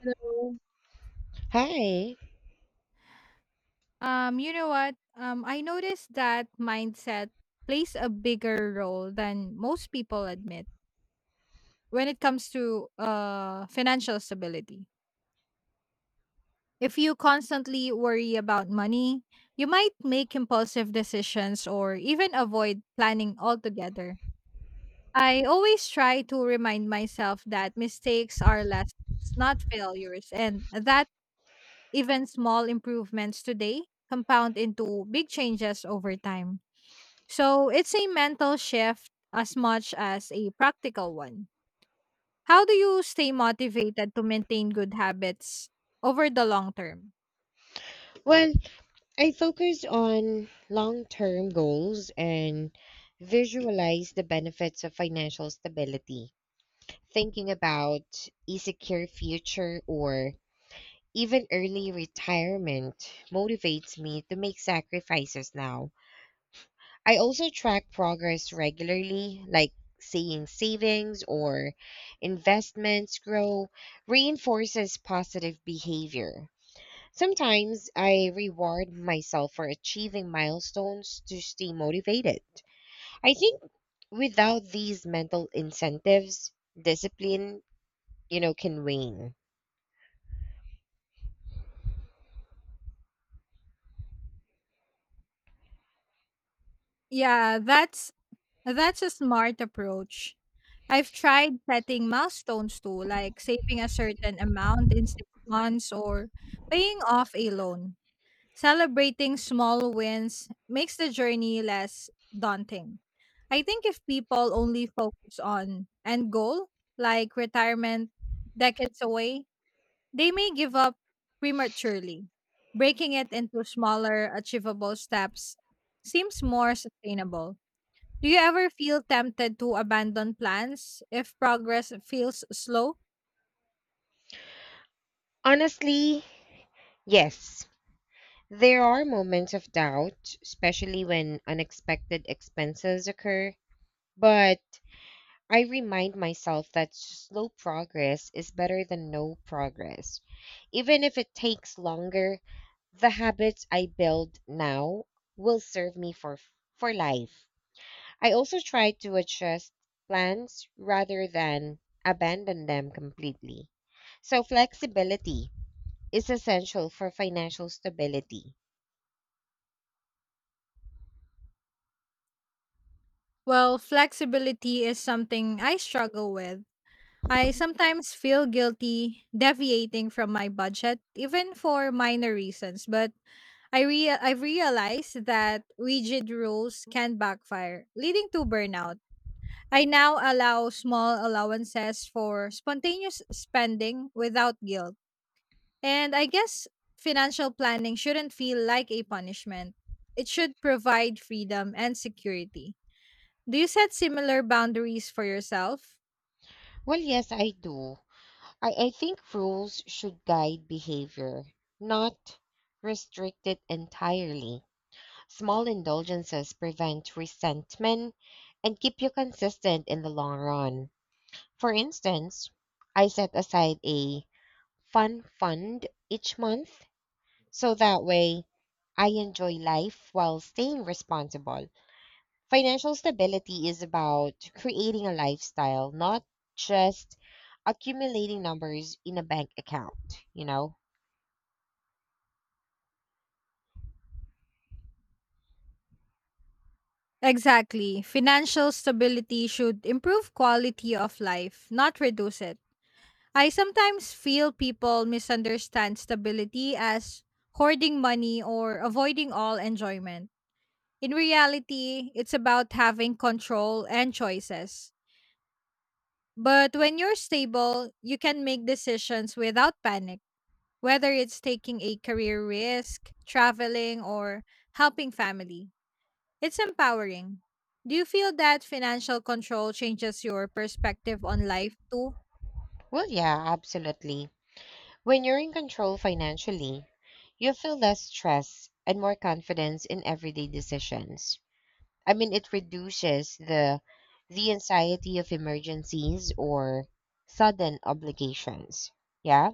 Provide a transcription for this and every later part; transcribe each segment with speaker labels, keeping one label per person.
Speaker 1: Hello.
Speaker 2: Hi.
Speaker 1: You know what? I noticed that mindset plays a bigger role than most people admit when it comes to financial stability. If you constantly worry about money, you might make impulsive decisions or even avoid planning altogether. I always try to remind myself that mistakes are lessons, not failures, and that even small improvements today compound into big changes over time. So it's a mental shift as much as a practical one. How do you stay motivated to maintain good habits over the long term?
Speaker 2: Well, I focus on long term goals and visualize the benefits of financial stability, thinking about a secure future or even early retirement motivates me to make sacrifices now. I also track progress regularly, like seeing savings or investments grow, reinforces positive behavior. Sometimes I reward myself for achieving milestones to stay motivated. I think without these mental incentives, discipline, you know, can wane.
Speaker 1: Yeah, that's a smart approach. I've tried setting milestones too, like saving a certain amount in 6 months or paying off a loan. Celebrating small wins makes the journey less daunting. I think if people only focus on end goal, like retirement decades away, they may give up prematurely. Breaking it into smaller, achievable steps seems more sustainable. Do you ever feel tempted to abandon plans if progress feels slow?
Speaker 2: Honestly, yes. There are moments of doubt, especially when unexpected expenses occur, but I remind myself that slow progress is better than no progress. Even if it takes longer, the habits I build now will serve me for life. I also try to adjust plans rather than abandon them completely. So flexibility is essential for financial stability.
Speaker 1: Well, flexibility is something I struggle with. I sometimes feel guilty deviating from my budget, even for minor reasons, but I've realized that rigid rules can backfire, leading to burnout. I now allow small allowances for spontaneous spending without guilt. And I guess financial planning shouldn't feel like a punishment. It should provide freedom and security. Do you set similar boundaries for yourself?
Speaker 2: Well, yes, I do. I think rules should guide behavior, not restrict it entirely. Small indulgences prevent resentment and keep you consistent in the long run. For instance, I set aside a fun fund each month so that way I enjoy life while staying responsible. Financial stability is about creating a lifestyle, not just accumulating numbers in a bank account, you know?
Speaker 1: Exactly. Financial stability should improve quality of life, not reduce it. I sometimes feel people misunderstand stability as hoarding money or avoiding all enjoyment. In reality, it's about having control and choices. But when you're stable, you can make decisions without panic, whether it's taking a career risk, traveling, or helping family. It's empowering. Do you feel that financial control changes your perspective on life too?
Speaker 2: Well, yeah, absolutely. When you're in control financially, you feel less stress and more confidence in everyday decisions. I mean, it reduces the anxiety of emergencies or sudden obligations. Yeah.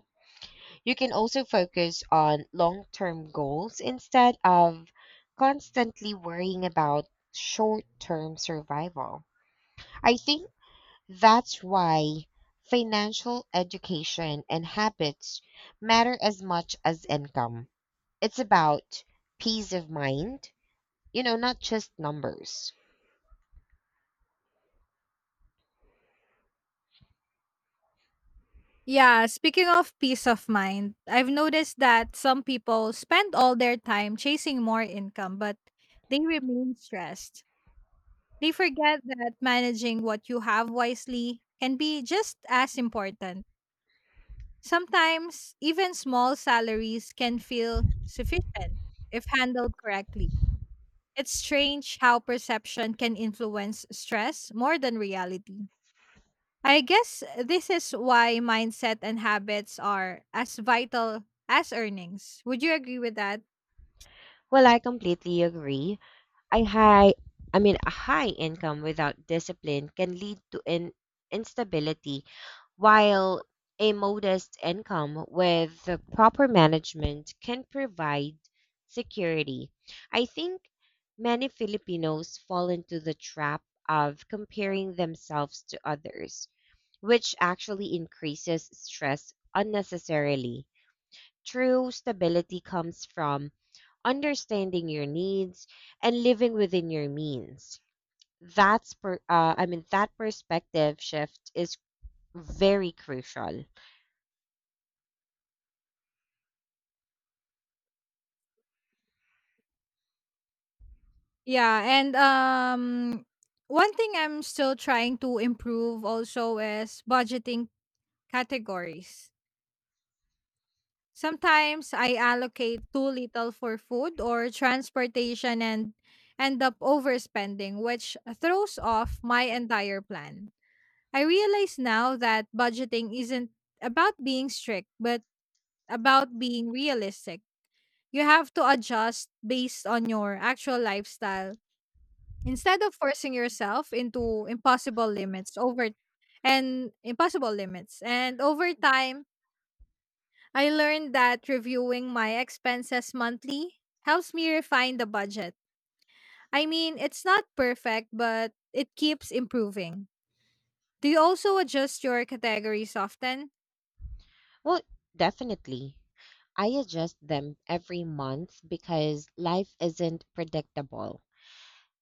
Speaker 2: You can also focus on long-term goals instead of constantly worrying about short-term survival. I think that's why financial education and habits matter as much as income. It's about peace of mind, you know, not just numbers.
Speaker 1: Yeah, speaking of peace of mind, I've noticed that some people spend all their time chasing more income, but they remain stressed. They forget that managing what you have wisely can be just as important. Sometimes, even small salaries can feel sufficient if handled correctly. It's strange how perception can influence stress more than reality. I guess this is why mindset and habits are as vital as earnings. Would you agree with that?
Speaker 2: Well, I completely agree. I high I mean a high income without discipline can lead to instability, while a modest income with the proper management can provide security. I think many Filipinos fall into the trap of comparing themselves to others, which actually increases stress unnecessarily. True stability comes from understanding your needs and living within your means. I mean that perspective shift is very crucial.
Speaker 1: Yeah, and one thing I'm still trying to improve also is budgeting categories. Sometimes I allocate too little for food or transportation and end up overspending, which throws off my entire plan. I realize now that budgeting isn't about being strict, but about being realistic. You have to adjust based on your actual lifestyle instead of forcing yourself into impossible limits over and impossible limits. And over time, I learned that reviewing my expenses monthly helps me refine the budget. I mean, it's not perfect, but it keeps improving. Do you also adjust your categories often?
Speaker 2: Well, definitely. I adjust them every month because life isn't predictable.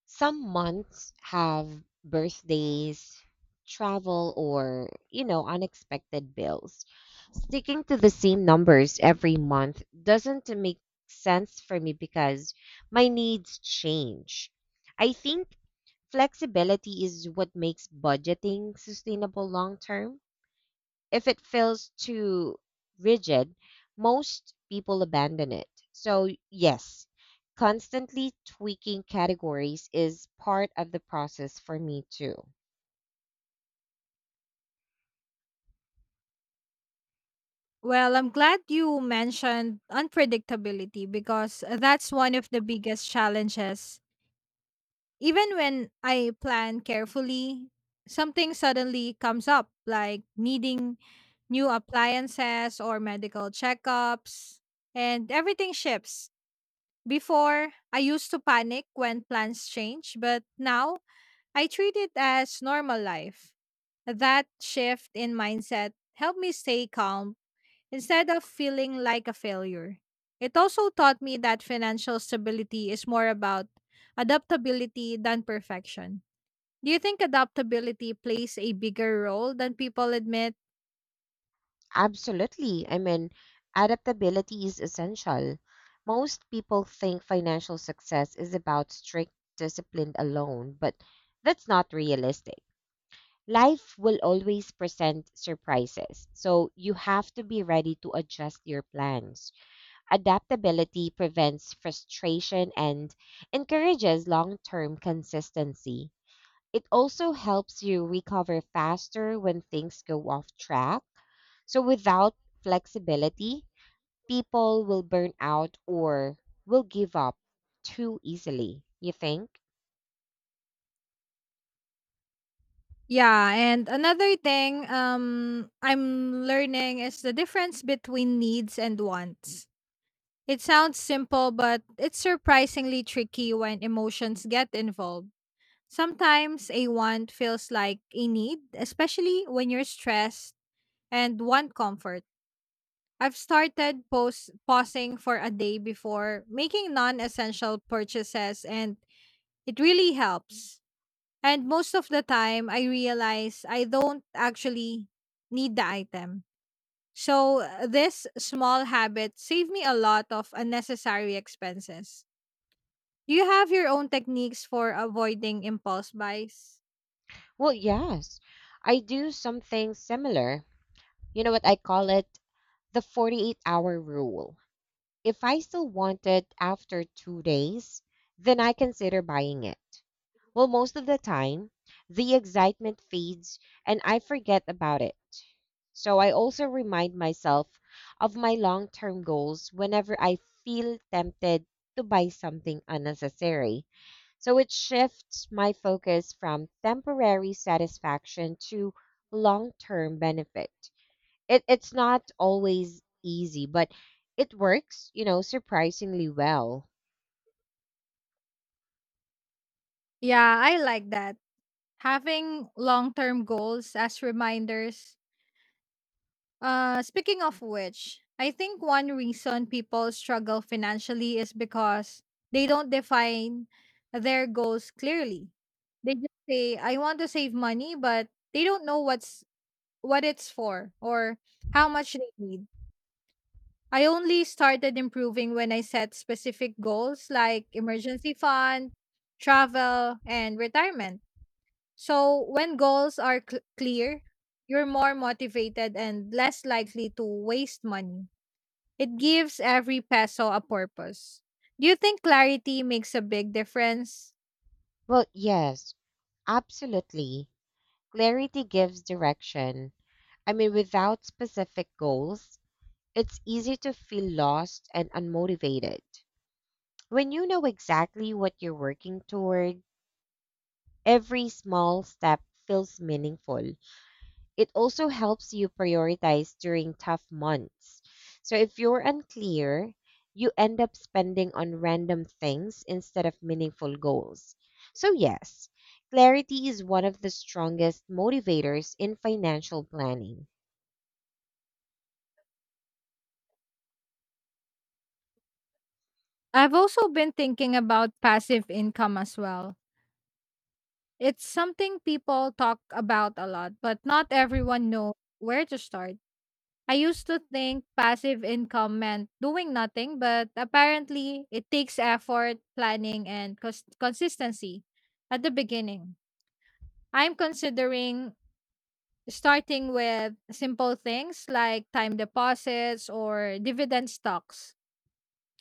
Speaker 2: Some months have birthdays, travel, or, you know, unexpected bills. Sticking to the same numbers every month doesn't make sense for me because my needs change. I think flexibility is what makes budgeting sustainable long term. If it feels too rigid, most people abandon it. So, yes, constantly tweaking categories is part of the process for me too.
Speaker 1: Well, I'm glad you mentioned unpredictability because that's one of the biggest challenges. Even when I plan carefully, something suddenly comes up, like needing new appliances or medical checkups, and everything shifts. Before, I used to panic when plans change, but now I treat it as normal life. That shift in mindset helped me stay calm instead of feeling like a failure. It also taught me that financial stability is more about adaptability than perfection. Do you think adaptability plays a bigger role than people admit?
Speaker 2: Absolutely. I mean, adaptability is essential. Most people think financial success is about strict discipline alone, but that's not realistic. Life will always present surprises, so you have to be ready to adjust your plans. Adaptability prevents frustration and encourages long term consistency. It also helps you recover faster when things go off track. So, without flexibility, people will burn out or will give up too easily, you think?
Speaker 1: Yeah, and another thing I'm learning is the difference between needs and wants. It sounds simple, but it's surprisingly tricky when emotions get involved. Sometimes a want feels like a need, especially when you're stressed. And one comfort, I've started post pausing for a day before making non essential purchases, and it really helps. And most of the time, I realize I don't actually need the item. So, this small habit saved me a lot of unnecessary expenses. Do you have your own techniques for avoiding impulse buys?
Speaker 2: Well, yes, I do something similar. You know what I call it? The 48-hour rule. If I still want it after 2 days, then I consider buying it. Well, most of the time, the excitement fades and I forget about it. So I also remind myself of my long term goals whenever I feel tempted to buy something unnecessary. So it shifts my focus from temporary satisfaction to long term benefit. It it's not always easy, but it works, you know, surprisingly well.
Speaker 1: Yeah, I like that. Having long term goals as reminders. Speaking of which, I think one reason people struggle financially is because they don't define their goals clearly. They just say, "I want to save money," but they don't know what it's for or how much they need. I only started improving when I set specific goals like emergency fund, travel, and retirement. So when goals are clear, you're more motivated and less likely to waste money. It gives every peso a purpose. Do you think clarity makes a big difference?
Speaker 2: Well, yes, absolutely. Clarity gives direction. I mean, without specific goals, it's easy to feel lost and unmotivated. When you know exactly what you're working toward, every small step feels meaningful. It also helps you prioritize during tough months. So if you're unclear, you end up spending on random things instead of meaningful goals. So, yes, clarity is one of the strongest motivators in financial planning.
Speaker 1: I've also been thinking about passive income as well. It's something people talk about a lot, but not everyone knows where to start. I used to think passive income meant doing nothing, but apparently it takes effort, planning, and consistency at the beginning. I'm considering starting with simple things like time deposits or dividend stocks.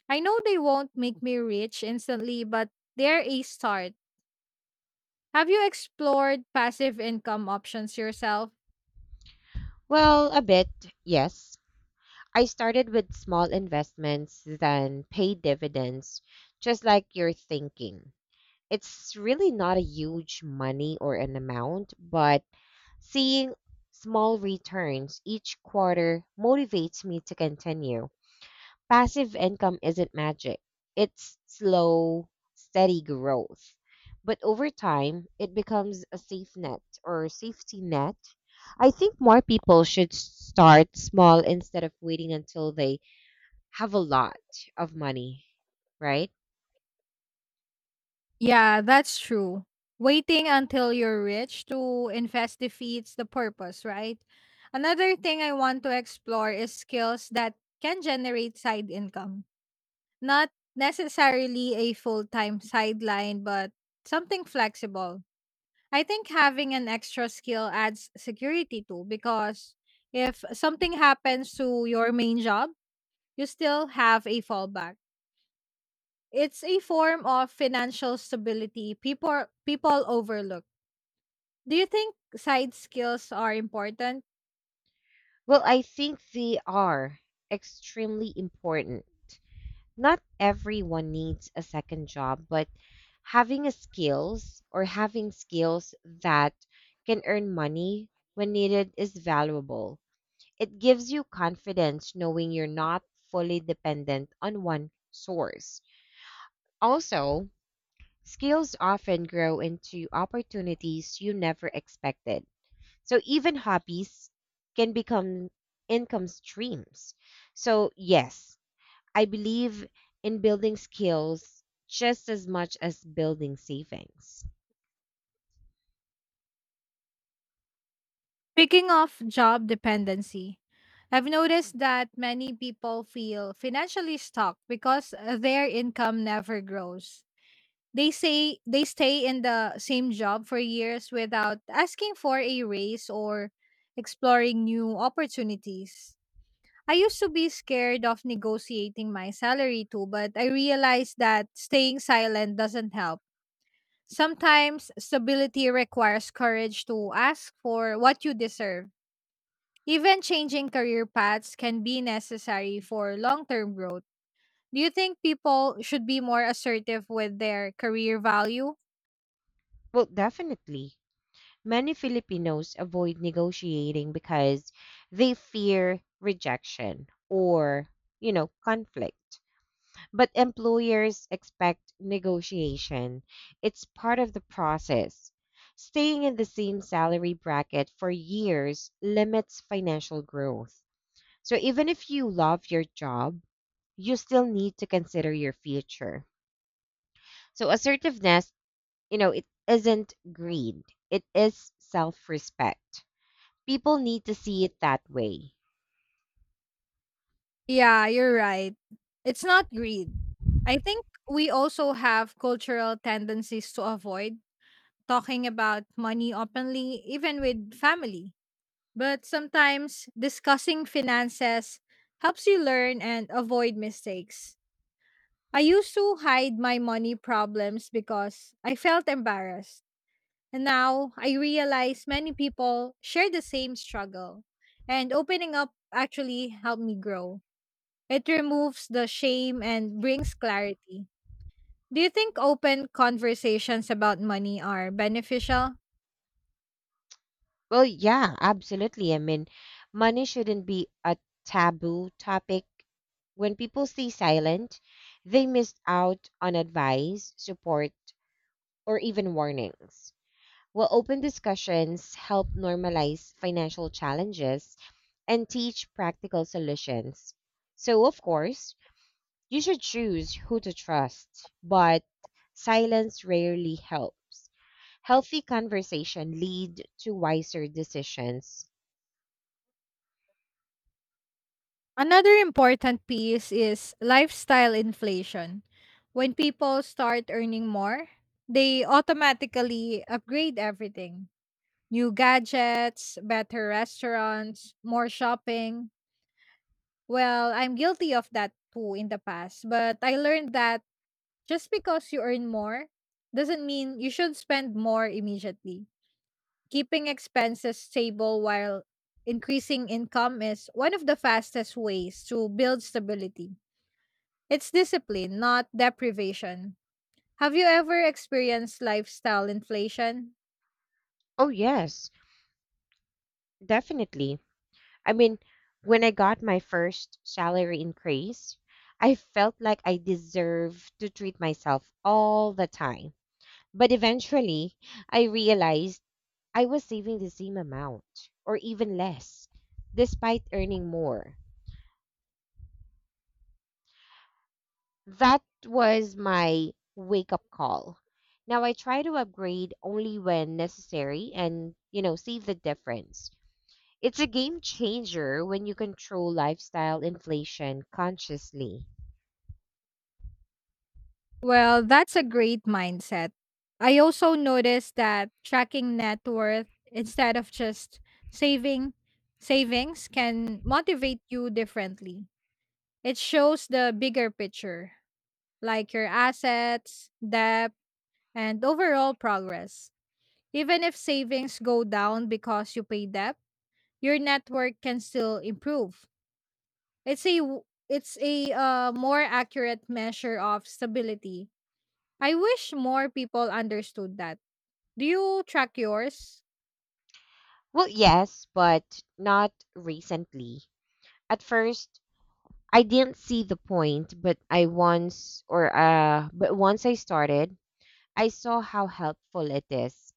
Speaker 1: I know they won't make me rich instantly, but they're a start. Have you explored passive income options yourself?
Speaker 2: Well, a bit, yes. I started with small investments, then paid dividends, just like you're thinking. It's really not a huge money or an amount, but seeing small returns each quarter motivates me to continue. Passive income isn't magic, it's slow, steady growth. But over time, it becomes a safe net or safety net. I think more people should start small instead of waiting until they have a lot of money, right?
Speaker 1: Yeah, that's true. Waiting until you're rich to invest defeats the purpose, right? Another thing I want to explore is skills that can generate side income. Not necessarily a full time sideline, but something flexible. I think having an extra skill adds security too, because if something happens to your main job, you still have a fallback. It's a form of financial stability people overlook. Do you think side skills are important?
Speaker 2: Well, I think they are extremely important. Not everyone needs a second job, but having a skills or having skills that can earn money when needed is valuable. It gives you confidence knowing you're not fully dependent on one source. Also, skills often grow into opportunities you never expected. So even hobbies can become income streams. So, yes, I believe in building skills just as much as building savings.
Speaker 1: Speaking of job dependency, I've noticed that many people feel financially stuck because their income never grows. They say they stay in the same job for years without asking for a raise or exploring new opportunities. I used to be scared of negotiating my salary too, but I realized that staying silent doesn't help. Sometimes stability requires courage to ask for what you deserve. Even changing career paths can be necessary for long term growth. Do you think people should be more assertive with their career value?
Speaker 2: Well, definitely. Many Filipinos avoid negotiating because they fear rejection or, you know, conflict. But employers expect negotiation. It's part of the process. Staying in the same salary bracket for years limits financial growth. So even if you love your job, you still need to consider your future. So assertiveness, you know, it isn't greed. It is self-respect. People need to see it that way.
Speaker 1: Yeah, you're right. It's not greed. I think we also have cultural tendencies to avoid talking about money openly, even with family. But sometimes discussing finances helps you learn and avoid mistakes. I used to hide my money problems because I felt embarrassed. And now I realize many people share the same struggle. And opening up actually helped me grow. It removes the shame and brings clarity. Do you think open conversations about money are beneficial?
Speaker 2: Well, yeah, absolutely. I mean, money shouldn't be a taboo topic. When people stay silent, they miss out on advice, support, or even warnings. Well, open discussions help normalize financial challenges and teach practical solutions. So, of course, you should choose who to trust, but silence rarely helps. Healthy conversation lead to wiser decisions.
Speaker 1: Another important piece is lifestyle inflation. When people start earning more, they automatically upgrade everything: new gadgets, better restaurants, more shopping. Well, I'm guilty of that too in the past, but I learned that just because you earn more doesn't mean you should spend more immediately. Keeping expenses stable while increasing income is one of the fastest ways to build stability. It's discipline, not deprivation. Have you ever experienced lifestyle inflation?
Speaker 2: Oh, yes, definitely. I mean, when I got my first salary increase, I felt like I deserved to treat myself all the time. But eventually, I realized I was saving the same amount or even less, despite earning more. That was my wake up call. Now I try to upgrade only when necessary and, you know, save the difference. It's a game changer when you control lifestyle inflation consciously.
Speaker 1: Well, that's a great mindset. I also noticed that tracking net worth instead of just saving savings can motivate you differently. It shows the bigger picture, like your assets, debt, and overall progress. Even if savings go down because you pay debt, your network can still improve. It's a w- it's a more accurate measure of stability. I wish more people understood that. Do you track yours?
Speaker 2: Well, yes, but not recently. At first, I didn't see the point, but I once or but once I started, I saw how helpful it is.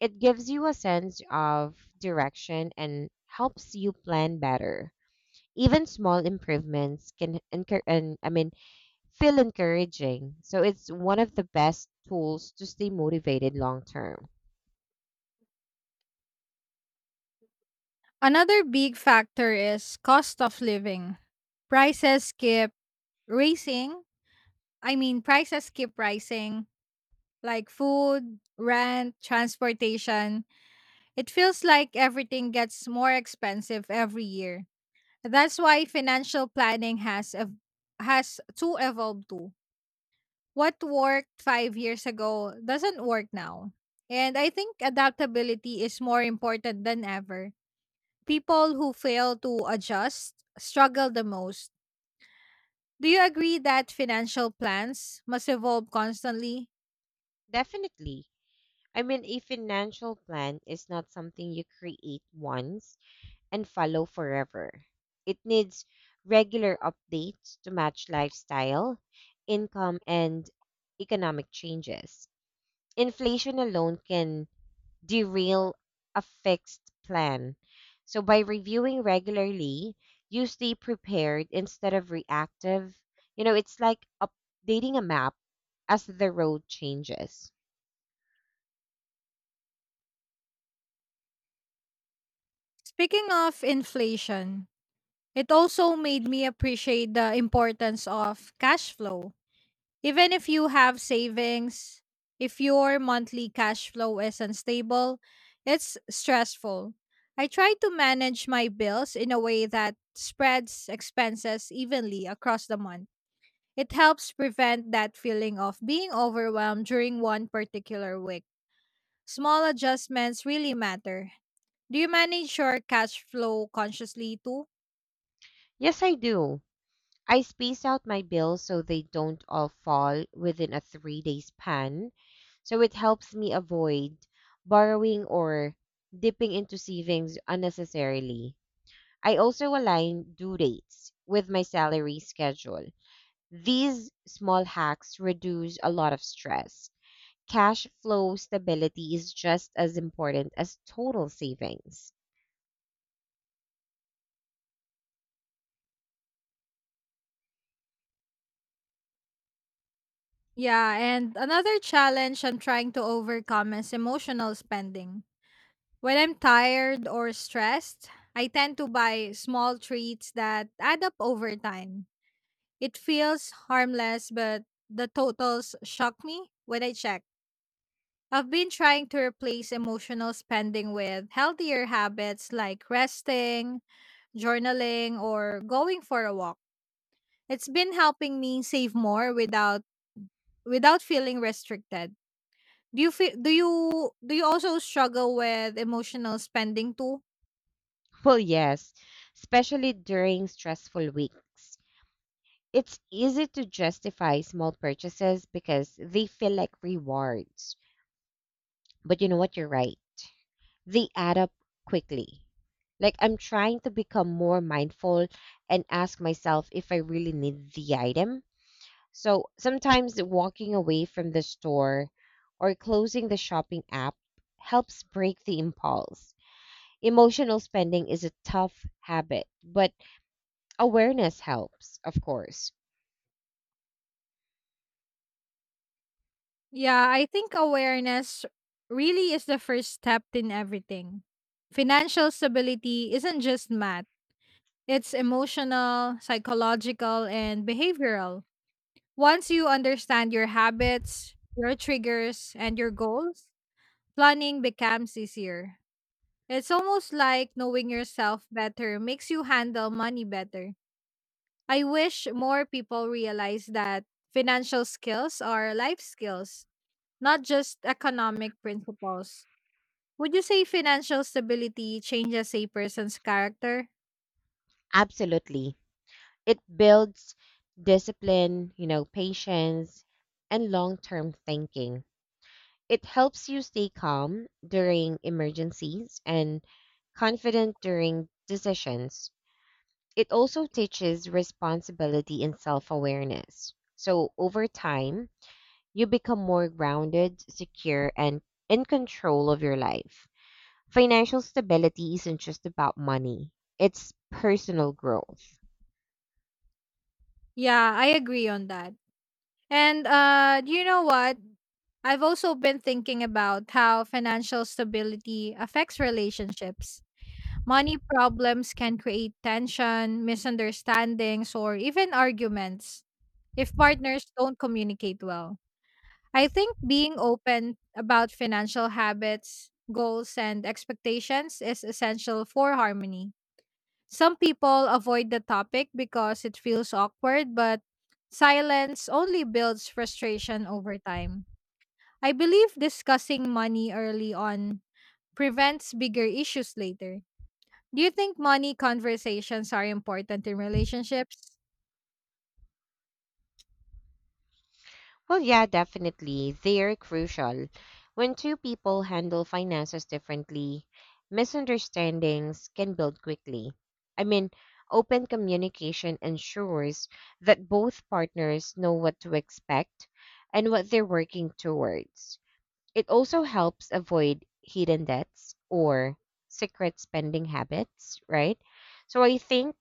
Speaker 2: It gives you a sense of direction and helps you plan better. Even small improvements can encour- and I mean feel encouraging. So it's one of the best tools to stay motivated long term.
Speaker 1: Another big factor is cost of living. Prices keep rising. Prices keep rising, like food, rent, transportation. It feels like everything gets more expensive every year. That's why financial planning has to evolve too. What worked 5 years ago doesn't work now. And I think adaptability is more important than ever. People who fail to adjust struggle the most. Do you agree that financial plans must evolve constantly?
Speaker 2: Definitely. I mean, a financial plan is not something you create once and follow forever. It needs regular updates to match lifestyle, income, and economic changes. Inflation alone can derail a fixed plan. So, by reviewing regularly, you stay prepared instead of reactive. You know, it's like updating a map as the road changes.
Speaker 1: Speaking of inflation, it also made me appreciate the importance of cash flow. Even if you have savings, if your monthly cash flow is unstable, it's stressful. I try to manage my bills in a way that spreads expenses evenly across the month. It helps prevent that feeling of being overwhelmed during one particular week. Small adjustments really matter. Do you manage your cash flow consciously too?
Speaker 2: Yes, I do. I space out my bills so they don't all fall within a 3 day span. So it helps me avoid borrowing or dipping into savings unnecessarily. I also align due dates with my salary schedule. These small hacks reduce a lot of stress. Cash flow stability is just as important as total savings.
Speaker 1: Yeah, and another challenge I'm trying to overcome is emotional spending. When I'm tired or stressed, I tend to buy small treats that add up over time. It feels harmless, but the totals shock me when I check. I've been trying to replace emotional spending with healthier habits like resting, journaling, or going for a walk. It's been helping me save more without feeling restricted. Do you feel, do you also struggle with emotional spending too?
Speaker 2: Well, yes, especially during stressful weeks. It's easy to justify small purchases because they feel like rewards. But you know what? You're right. They add up quickly. Like I'm trying to become more mindful and ask myself if I really need the item. So sometimes walking away from the store or closing the shopping app helps break the impulse. Emotional spending is a tough habit, but awareness helps, of course.
Speaker 1: Yeah, I think awareness really is the first step in everything. Financial stability isn't just math, it's emotional, psychological, and behavioral. Once you understand your habits, your triggers, and your goals, planning becomes easier. It's almost like knowing yourself better makes you handle money better. I wish more people realize that financial skills are life skills, not just economic principles. Would you say financial stability changes a person's character?
Speaker 2: Absolutely. It builds discipline, you know, patience, and long term thinking. It helps you stay calm during emergencies and confident during decisions. It also teaches responsibility and self awareness. So, over time, you become more grounded, secure, and in control of your life. Financial stability isn't just about money, it's personal growth.
Speaker 1: Yeah, I agree on that. And do you know what? I've also been thinking about how financial stability affects relationships. Money problems can create tension, misunderstandings, or even arguments if partners don't communicate well. I think being open about financial habits, goals, and expectations is essential for harmony. Some people avoid the topic because it feels awkward, but silence only builds frustration over time. I believe discussing money early on prevents bigger issues later. Do you think money conversations are important in relationships?
Speaker 2: Well, yeah, definitely. They're crucial. When two people handle finances differently, misunderstandings can build quickly. I mean, open communication ensures that both partners know what to expect and what they're working towards. It also helps avoid hidden debts or secret spending habits, right? So I think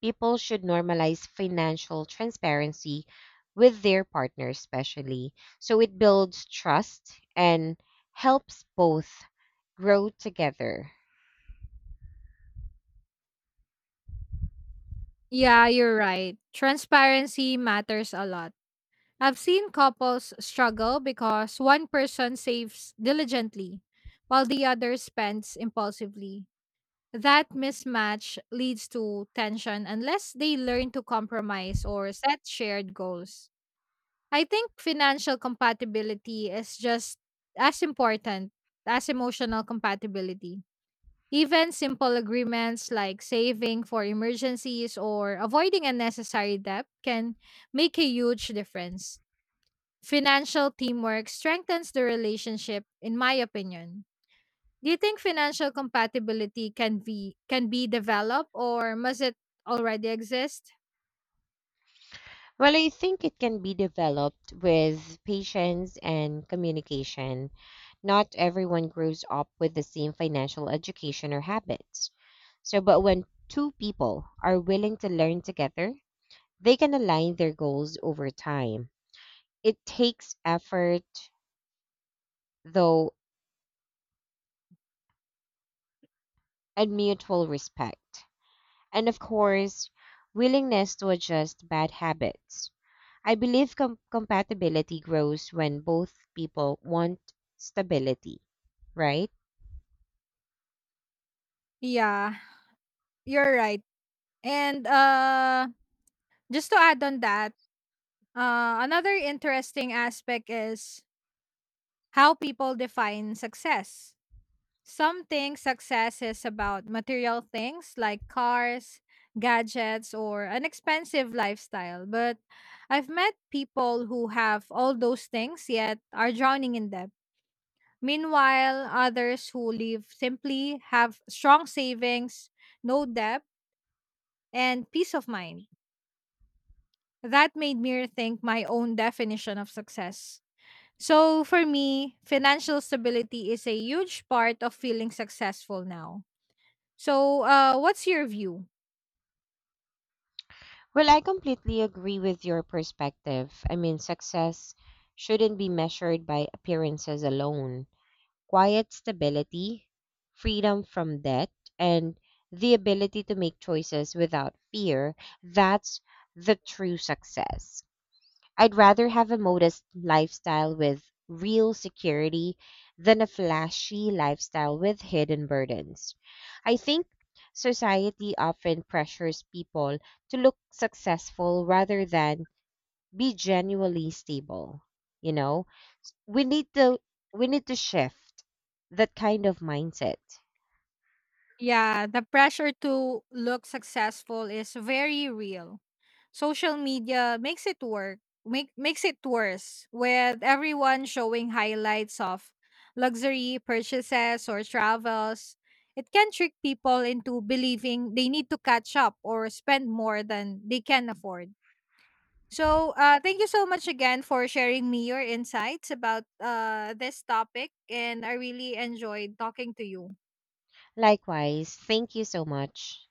Speaker 2: people should normalize financial transparency with their partners, especially. So it builds trust and helps both grow together.
Speaker 1: Yeah, you're right. Transparency matters a lot. I've seen couples struggle because one person saves diligently while the other spends impulsively. That mismatch leads to tension unless they learn to compromise or set shared goals. I think financial compatibility is just as important as emotional compatibility. Even simple agreements like saving for emergencies or avoiding unnecessary debt can make a huge difference. Financial teamwork strengthens the relationship in my opinion. Do you think financial compatibility can be developed or must it already exist?
Speaker 2: Well, I think it can be developed with patience and communication. Not everyone grows up with the same financial education or habits. So, but when two people are willing to learn together, they can align their goals over time. It takes effort, though, and mutual respect, and of course, willingness to adjust bad habits. I believe compatibility grows when both people want stability, right?
Speaker 1: Yeah, you're right. And just to add on that, another interesting aspect is how people define success. Some think success is about material things like cars, gadgets, or an expensive lifestyle. But I've met people who have all those things yet are drowning in debt. Meanwhile, others who live simply have strong savings, no debt, and peace of mind. That made me rethink my own definition of success. So, for me, financial stability is a huge part of feeling successful now. So, what's your view?
Speaker 2: Well, I completely agree with your perspective. I mean, success shouldn't be measured by appearances alone. Quiet stability, freedom from debt, and the ability to make choices without fear, that's the true success. I'd rather have a modest lifestyle with real security than a flashy lifestyle with hidden burdens. I think society often pressures people to look successful rather than be genuinely stable. You know, we need to we need to shift that kind of mindset.
Speaker 1: Yeah, the pressure to look successful is very real. Social media makes it worse with everyone showing highlights of luxury purchases or travels. It can trick people into believing they need to catch up or spend more than they can afford. So, thank you so much again for sharing me your insights about this topic, and I really enjoyed talking to you.
Speaker 2: Likewise, thank you so much.